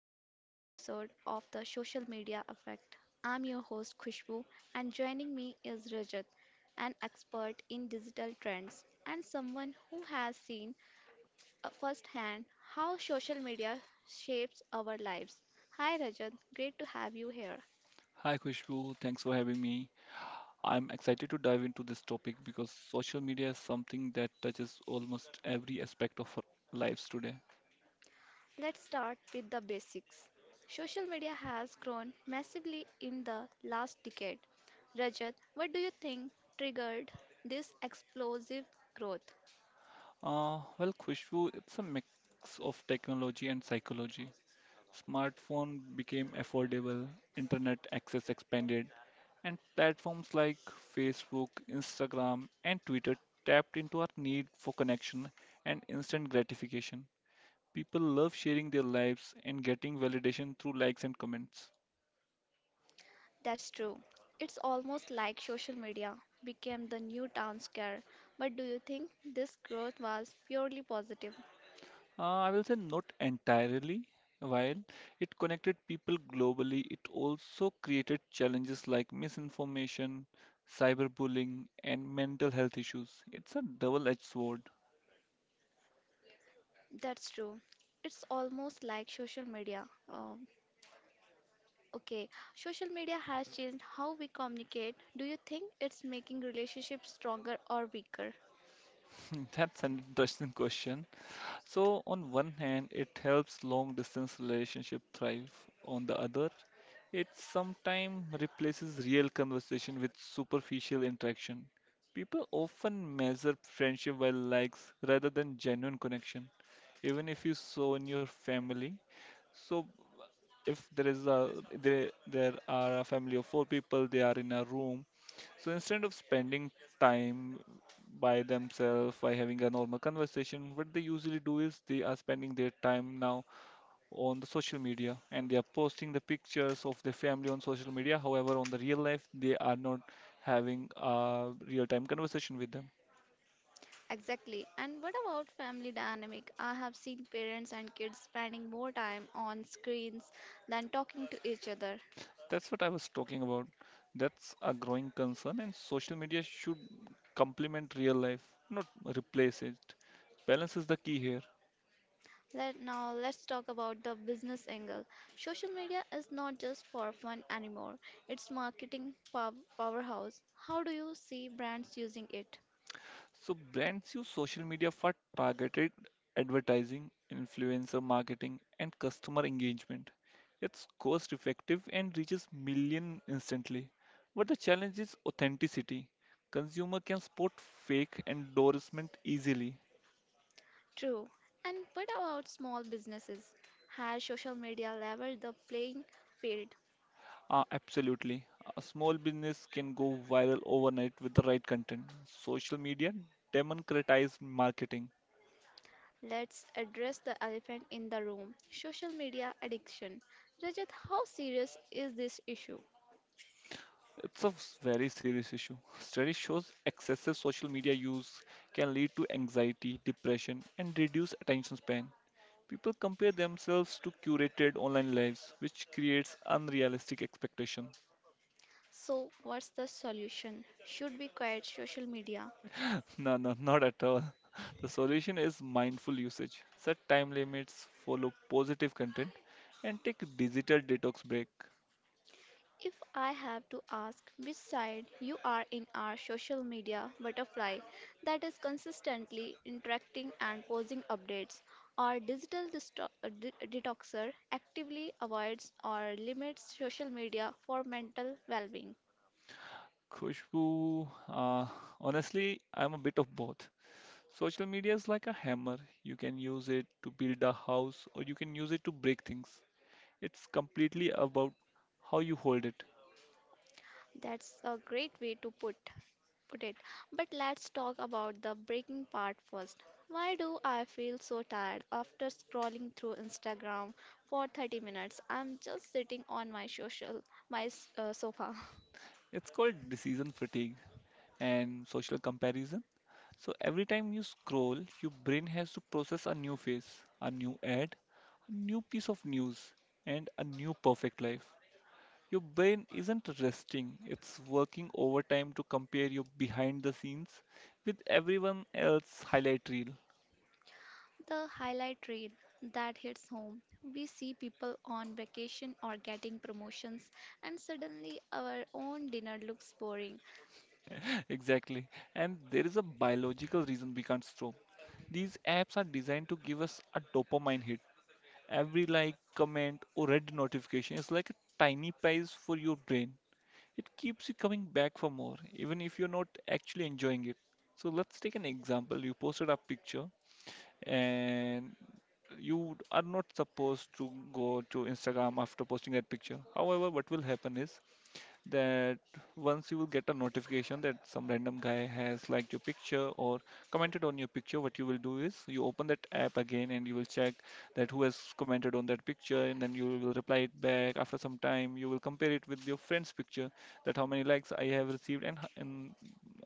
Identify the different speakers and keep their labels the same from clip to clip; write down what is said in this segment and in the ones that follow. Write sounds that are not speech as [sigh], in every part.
Speaker 1: to today's episode of the Social Media Effect. I'm your host Khushbu, and joining me is Rajat, an expert in digital trends and someone who has seen firsthand how social media shapes our lives. Hi, Rajat, great to have you here.
Speaker 2: Hi Khushbu, thanks for having me. I'm excited to dive into this topic because social media is something that touches almost every aspect of our lives today.
Speaker 1: Let's start with the basics. Social media has grown massively in the last decade. Rajat, what do you think triggered this explosive growth?
Speaker 2: Well, Khushbu, it's a mix of technology and psychology. Smartphone became affordable, internet access expanded, and platforms like Facebook, Instagram, and Twitter tapped into our need for connection and instant gratification. People love sharing their lives and getting validation through likes and comments.
Speaker 1: That's true. It's almost like social media became the new town scare. But do you think this growth was purely positive?
Speaker 2: I will say not entirely. While it connected people globally, it also created challenges like misinformation, cyberbullying, and mental health issues. It's a double-edged sword.
Speaker 1: That's true. It's almost like social media. Um, okay, social media has changed how we communicate. Do you think it's making relationships stronger or weaker?
Speaker 2: [laughs] That's an interesting question. So on one hand, it helps long distance relationship thrive. On the other, it sometimes replaces real conversation with superficial interaction. People often measure friendship by likes rather than genuine connection, even if you saw in your family. So if there is a there are a family of four people, they are in a room. So instead of spending time by themselves by having a normal conversation, what they usually do is they are spending their time now on the social media, and they are posting the pictures of their family on social media. However, on the real life, they are not having a real time conversation with them.
Speaker 1: Exactly. And what about family dynamic? I have seen parents and kids spending more time on screens than talking to each other.
Speaker 2: That's what I was talking about. That's a growing concern, and social media should complement real life, not replace it. Balance is the key here.
Speaker 1: Let now let's talk about the business angle. Social media is not just for fun anymore. It's marketing powerhouse. How do you see brands using it?
Speaker 2: So, brands use social media for targeted advertising, influencer marketing, and customer engagement. It's cost effective and reaches millions instantly. But the challenge is authenticity. Consumer can spot fake endorsement easily.
Speaker 1: True. And what about small businesses? Has social media leveled the playing field?
Speaker 2: Absolutely. A small business can go viral overnight with the right content. Social media democratized marketing.
Speaker 1: Let's address the elephant in the room, social media addiction. Rajat, how serious is this issue?
Speaker 2: It's a very serious issue. Study shows excessive social media use can lead to anxiety, depression, and reduced attention span. People compare themselves to curated online lives, which creates unrealistic expectation.
Speaker 1: So, what's the solution? Should we quiet social media?
Speaker 2: No, no, not at all. [laughs] The solution is mindful usage. Set time limits, follow positive content, and take a digital detox break.
Speaker 1: If I have to ask which side you are in, our social media butterfly that is consistently interacting and posting updates, our digital detoxer actively avoids or limits social media for mental well being.
Speaker 2: Khushbu, honestly, I'm a bit of both. Social media is like a hammer. You can use it to build a house, or you can use it to break things. It's completely about how you hold it.
Speaker 1: That's a great way to put it. But let's talk about the breaking part first. Why do I feel so tired after scrolling through Instagram for 30 minutes? I'm just sitting on my sofa. [laughs]
Speaker 2: It's called decision fatigue and social comparison. So every time you scroll, your brain has to process a new face, a new ad, a new piece of news, and a new perfect life. Your brain isn't resting, it's working overtime to compare your behind the scenes with everyone else's highlight reel.
Speaker 1: The highlight reel that hits home. We see people on vacation or getting promotions, and suddenly our own dinner looks boring.
Speaker 2: [laughs] Exactly. And there is a biological reason we can't stop. These apps are designed to give us a dopamine hit. Every like, comment, or red notification is like a tiny prize for your brain. It keeps you coming back for more, even if you're not actually enjoying it. So let's take an example. You posted a picture and you are not supposed to go to Instagram after posting that picture. However, what will happen is that once you will get a notification that some random guy has liked your picture or commented on your picture, what you will do is you open that app again and you will check that who has commented on that picture, and then you will reply it back. After some time, you will compare it with your friend's picture, that how many likes I have received and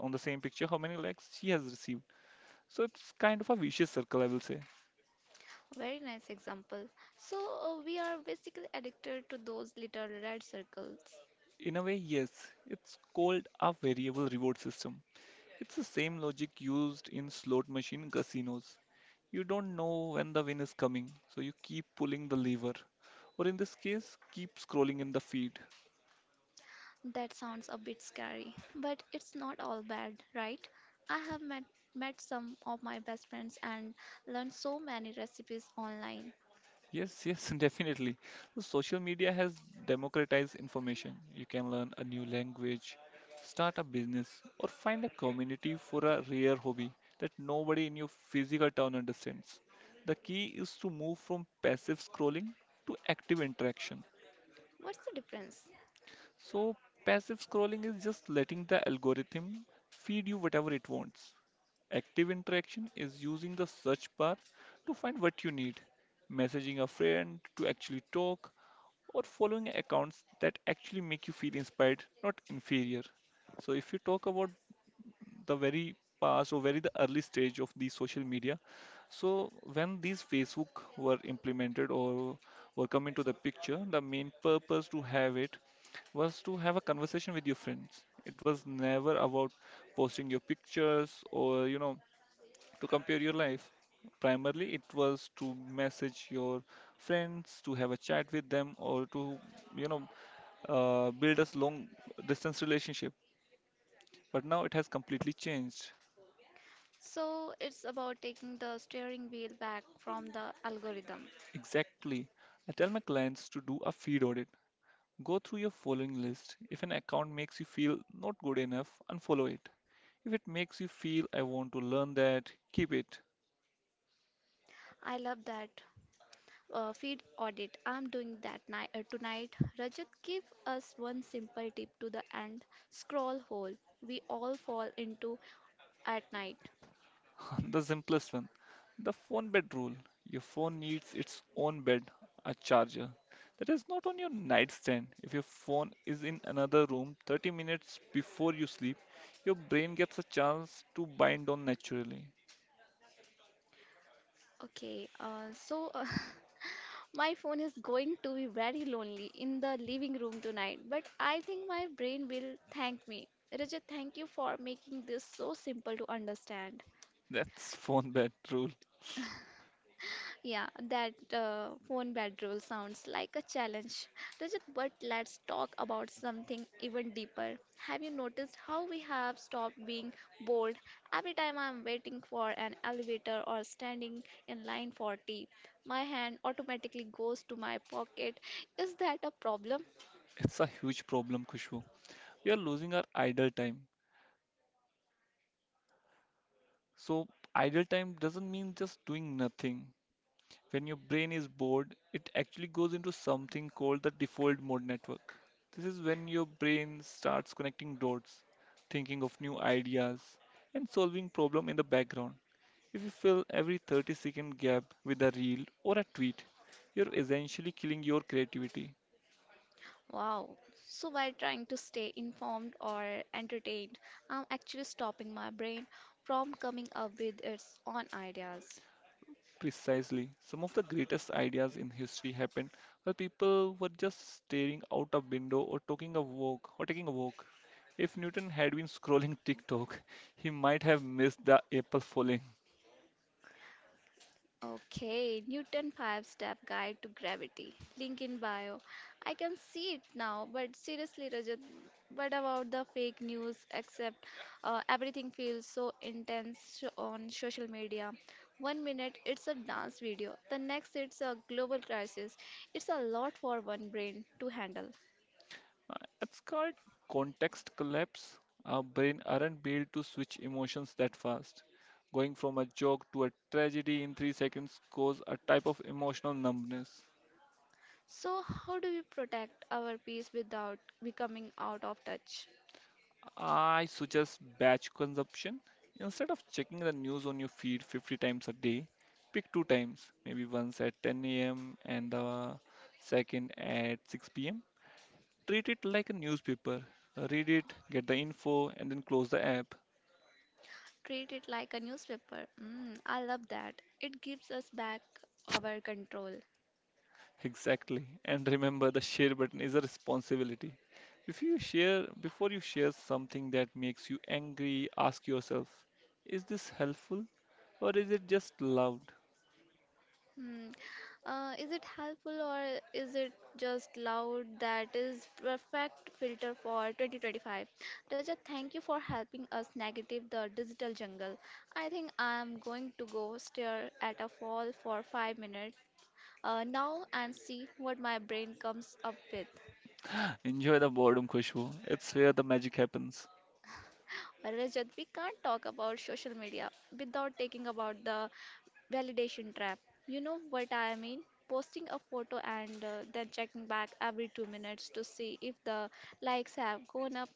Speaker 2: on the same picture how many likes she has received. So it's kind of a vicious circle, I will say.
Speaker 1: Very nice example. So, we are basically addicted to those little red circles.
Speaker 2: In a way, yes, it's called a variable reward system. It's the same logic used in slot machine casinos. You don't know when the win is coming, so you keep pulling the lever, or in this case, keep scrolling in the feed.
Speaker 1: That sounds a bit scary, but it's not all bad, right? I have met some of my best friends and learned so many recipes online.
Speaker 2: Yes, yes, [laughs] definitely. So social media has democratized information. You can learn a new language, start a business, or find a community for a rare hobby that nobody in your physical town understands. The key is to move from passive scrolling to active interaction.
Speaker 1: What's the difference?
Speaker 2: So, passive scrolling is just letting the algorithm feed you whatever it wants. Active interaction is using the search bar to find what you need, messaging a friend to actually talk, or following accounts that actually make you feel inspired, not inferior. So, if you talk about the very past or very the early stage of the social media, so when these Facebook were implemented or were coming to the picture, the main purpose to have it was to have a conversation with your friends. It was never about posting your pictures or to compare your life. Primarily, it was to message your friends, to have a chat with them, or to, you know, build a long distance relationship. But now it has completely changed.
Speaker 1: So, it's about taking the steering wheel back from the algorithm.
Speaker 2: Exactly. I tell my clients to do a feed audit. Go through your following list. If an account makes you feel not good enough, unfollow it. If it makes you feel I want to learn that, keep it.
Speaker 1: I love that. Feed audit. I'm doing that tonight. Rajat, give us one simple tip to the end scroll hole we all fall into at night.
Speaker 2: [laughs] The simplest one, the phone bed rule. Your phone needs its own bed, a charger that is not on your nightstand. If your phone is in another room 30 minutes before you sleep, your brain gets a chance to bind on naturally.
Speaker 1: Okay, uh, so uh, [laughs] My phone is going to be very lonely in the living room tonight, but I think my brain will thank me. Rajat, thank you for making this so simple to understand.
Speaker 2: That's [laughs] phone bed rule.
Speaker 1: Yeah, that phone bedroll sounds like a challenge. Rajat, but let's talk about something even deeper. Have you noticed how we have stopped being bold? Every time I'm waiting for an elevator or standing in line for tea, my hand automatically goes to my pocket. Is that a problem?
Speaker 2: It's a huge problem, Khushbu. We are losing our idle time. So, idle time doesn't mean just doing nothing. When your brain is bored, it actually goes into something called the default mode network. This is when your brain starts connecting dots, thinking of new ideas, and solving problem in the background. If you fill every 30-second gap with a reel or a tweet, you're essentially killing your creativity.
Speaker 1: Wow. So while trying to stay informed or entertained, I'm actually stopping my brain from coming up with its own ideas.
Speaker 2: Precisely. Some of the greatest ideas in history happened while people were just staring out a window or talking a walk or taking a walk. If Newton had been scrolling [laughs] TikTok, he might have missed the apple falling.
Speaker 1: Okay, Newton 5 step guide to gravity. Link in bio. I can see it now, but seriously, Rajat, what about the fake news? Except everything feels so intense on social media. One minute it's a dance video, the next it's a global crisis. It's a lot for one brain to handle.
Speaker 2: Uh, It's called context collapse. Our brain aren't built to switch emotions that fast. Going from a joke to a tragedy in 3 seconds cause a type of emotional numbness.
Speaker 1: So, how do we protect our peace without becoming out of touch?
Speaker 2: I suggest batch consumption. Instead of checking the news on your feed 50 times a day, pick two times, maybe once at 10 a.m. and the second at 6 p.m. Treat it like a newspaper. Read it, get the info, and then close the app.
Speaker 1: Treat it like a newspaper. Mm, I love that. It gives us back our control.
Speaker 2: Exactly. And [laughs] remember, the share button is a responsibility. If you share, before you share something that makes you angry, ask yourself, is this helpful or is it just loud?
Speaker 1: Hmm. Is it helpful or is it just loud? That is perfect filter for 2025. Rajat, thank you for helping us negative the digital jungle. I think I am going to go stare at a wall for 5 minutes now and see what my brain comes up with.
Speaker 2: Enjoy the boredom, Kushbu. It's where the magic happens.
Speaker 1: Rajat, we can't talk about social media without taking about the validation trap. You know what I mean? Posting a photo and then checking back every 2 minutes to see if the likes have gone up.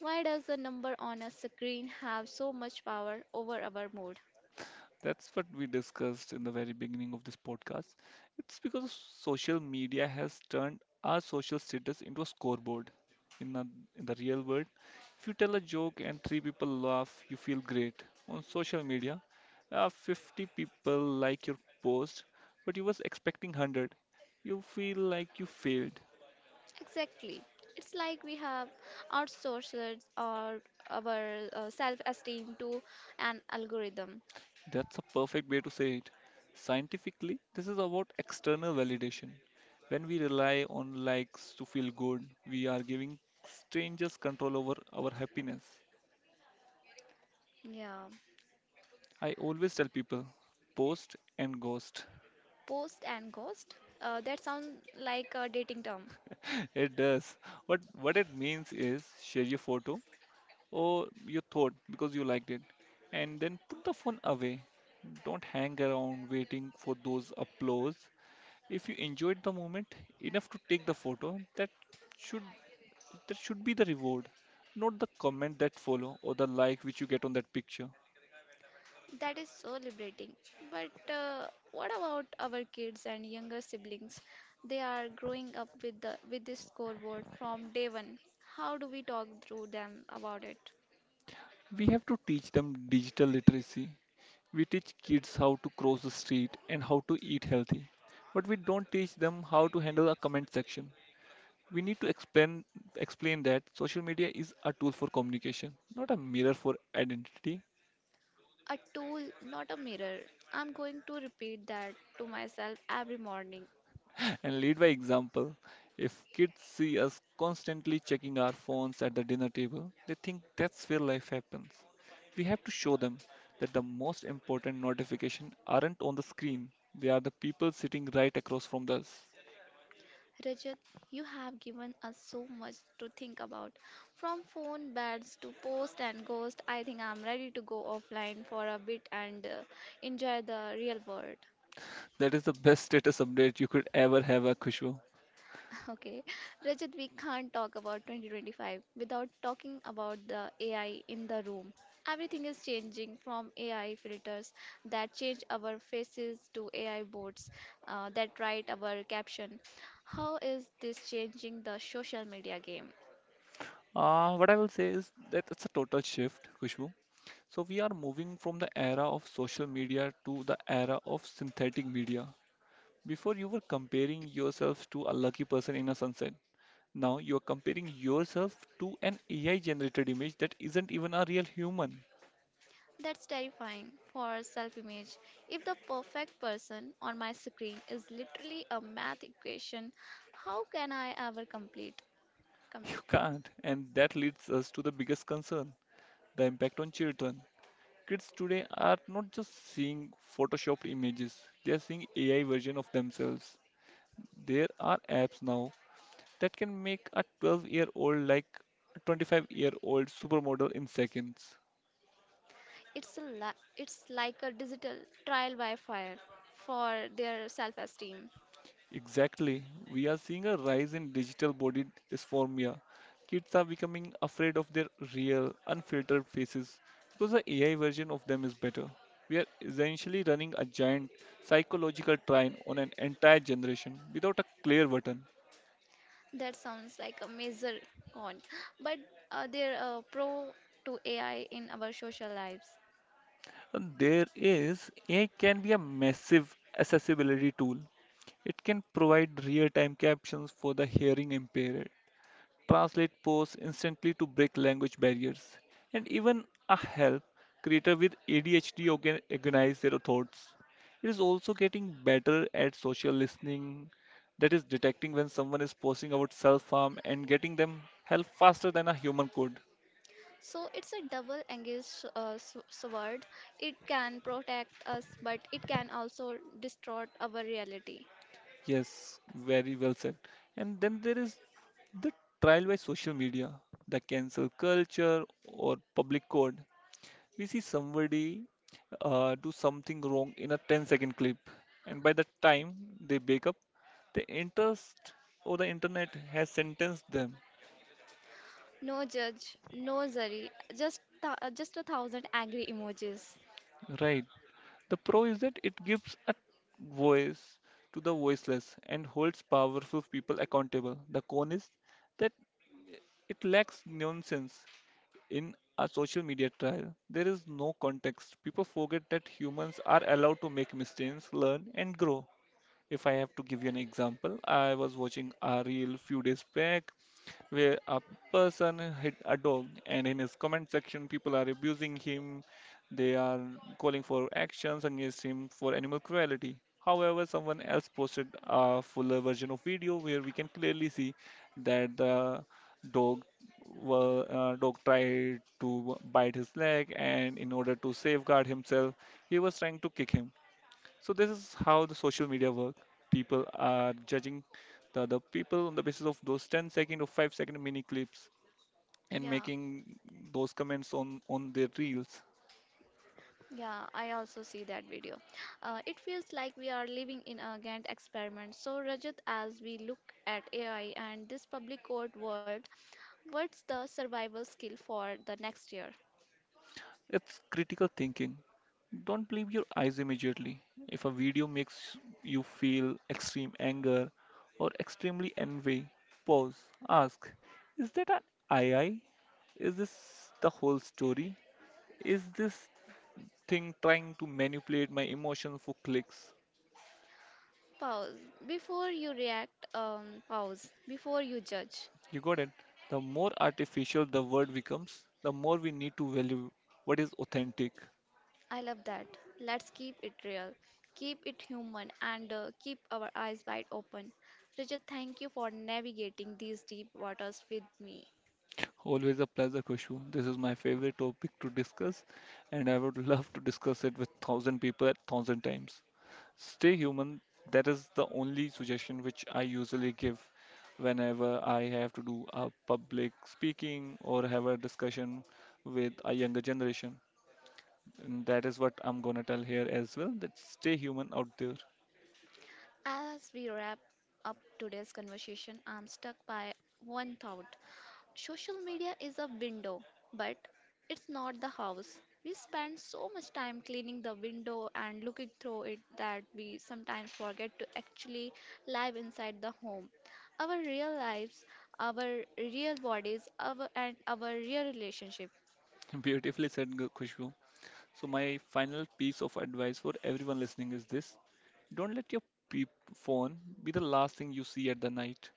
Speaker 1: Why does the number on a screen have so much power over our mood?
Speaker 2: That's what we discussed in the very beginning of this podcast. It's because social media has turned our social status into a scoreboard. In the, in the real world, if you tell a joke and three people laugh, you feel great. On social media, 50 people like your post, but you was expecting 100. You feel like you failed.
Speaker 1: Exactly. It's like we have outsourced our self esteem to an algorithm.
Speaker 2: That's a perfect way to say it. Scientifically, this is about external validation. When we rely on likes to feel good, we are giving strangers control over our happiness.
Speaker 1: Yeah.
Speaker 2: I always tell people, post and ghost.
Speaker 1: Post and ghost? That sounds like a dating term.
Speaker 2: [laughs] It does. What it means is share your photo or your thought because you liked it, and then put the phone away. Don't hang around waiting for those applause. If you enjoyed the moment enough to take the photo, that should There should be the reward, not the comment that follow or the like which you get on that picture.
Speaker 1: That is so liberating. But what about our kids and younger siblings? They are growing up with this scoreboard from day one. How do we talk through them about it?
Speaker 2: We have to teach them digital literacy. We teach kids how to cross the street and how to eat healthy, but we don't teach them how to handle a comment section. We need to explain that social media is a tool for communication, not a mirror for identity.
Speaker 1: A tool, not a mirror. I'm going to repeat that to myself every morning.
Speaker 2: And lead by example. If kids see us constantly checking our phones at the dinner table, they think that's where life happens. We have to show them that the most important notifications aren't on the screen, they are the people sitting right across from us.
Speaker 1: Rajat, you have given us so much to think about. From phone beds to post and ghost, I think I'm ready to go offline for a bit and enjoy the real world.
Speaker 2: That is the best status update you could ever have, Khushbu.
Speaker 1: [laughs] Okay, Rajat, we can't talk about 2025 without talking about the AI in the room. Everything is changing from AI filters that change our faces to AI boards that write our caption. How is this changing the social media game?
Speaker 2: What I will say is that it's a total shift, Khushbu. So we are moving from the era of social media to the era of synthetic media. Before you were comparing yourself to a lucky person in a sunset. Now you are comparing yourself to an AI generated image that isn't even a real human.
Speaker 1: That's terrifying for self image. If the perfect person on my screen is literally a math equation, how can I ever complete?
Speaker 2: [laughs] You
Speaker 1: complete?
Speaker 2: can't. And that leads us to the biggest concern, the impact on children. Kids today are not just seeing photoshopped images, they are seeing AI version of themselves. There are apps now that can make a 12-year-old like a 25-year-old supermodel in seconds.
Speaker 1: It's like a digital trial by fire for their self esteem.
Speaker 2: Exactly. We are seeing a rise in digital body dysphoria. Kids are becoming afraid of their real, unfiltered faces because the AI version of them is better. We are essentially running a giant psychological train on an entire generation without a clear button.
Speaker 1: That sounds like a major con, but they're a pro to AI in our social lives.
Speaker 2: And There is AI can be a massive accessibility tool. It can provide real-time captions for the hearing impaired, translate posts instantly to break language barriers, and even a help creator with ADHD organize their thoughts. It is also getting better at social listening, that is, detecting when someone is posting about self harm and getting them help faster than a human could.
Speaker 1: So it's a double-edged sword. It can protect us, but it can also distort our reality.
Speaker 2: Yes, very well said. And then there is the trial by social media, the cancel culture, or public code. We see somebody do something wrong in a 10-second clip, and by the time they wake up, the interest or the internet has sentenced them,
Speaker 1: No judge, no jury, just just a thousand angry emojis.
Speaker 2: right? The pro is that it gives a voice to the voiceless and holds powerful people accountable. The con is that it lacks nonsense in a social media trial. There is no context. People forget that humans are allowed to make mistakes, learn, and grow. If I have to give you an example, I was watching a reel few days back where a person hit a dog, and in his comment section people are abusing him. They are calling for actions against him for animal cruelty. However, someone else posted a fuller version of video where we can clearly see that the dog dog tried to bite his leg, and in order to safeguard himself, he was trying to kick him. So this is how the social media work. People are judging the other people on the basis of those 10 second or 5-second mini clips and
Speaker 1: Yeah,
Speaker 2: making those comments on their reels.
Speaker 1: yeah, I also see that video. It feels like we are living in a Gantt experiment. So Rajat, as we look at AI and this public court world, what's the survival skill for the next year?
Speaker 2: It's critical thinking. Don't believe your eyes immediately. If a video makes you feel extreme anger or extremely envy, pause. Ask, is that an AI? Is this the whole story? Is this thing trying to manipulate my emotion for clicks?
Speaker 1: Pause before you react, pause before you judge.
Speaker 2: You got it. The more artificial the world becomes, the more we need to value what is authentic.
Speaker 1: I love that. Let's keep it real, keep it human, and keep our eyes wide open. Richard, thank you for navigating these deep waters with me.
Speaker 2: Always a pleasure, Kushu. This is my favorite topic to discuss, and I would [laughs] love to discuss it with 1,000 people at 1,000 times. Stay human. That is the only suggestion which I usually give whenever I have to do a public speaking or have a discussion with a younger generation. And that is what I'm gonna tell here as well. That stay human out there.
Speaker 1: As we wrap up today's conversation, I'm stuck by one thought. Social media is a window, but it's not the house. We spend so much time cleaning the window and looking through it that we sometimes forget to actually live inside the home. Our real lives, our real bodies, our and our real relationship.
Speaker 2: [laughs] Beautifully said, Khushbu. So, my final piece of advice for everyone listening is this: don't let your pe- phone be the last thing you see at the night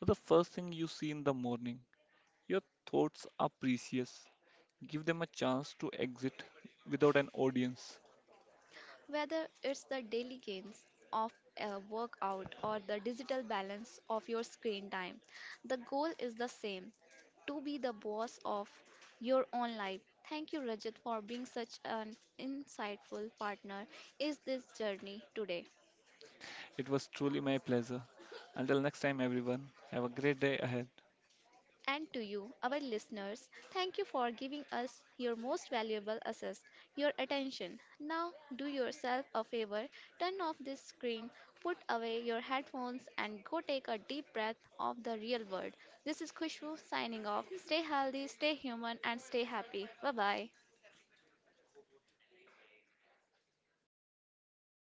Speaker 2: or the first thing you see in the morning. Your thoughts are precious. Give them a chance to exit without an audience.
Speaker 1: Whether it's the daily gains of a workout or the digital balance of your screen time, the goal is the same, to be the boss of your own life. Thank you, Rajat, for being such an insightful partner in this journey today.
Speaker 2: It was truly my pleasure. Until next time, everyone, have a great day ahead.
Speaker 1: And to you, our listeners, thank you for giving us your most valuable assist, your attention. Now, do yourself a favor, turn off this screen, put away your headphones, and go take a deep breath of the real world. This is Khushbu signing off. Stay healthy, stay human, and stay happy. Bye bye.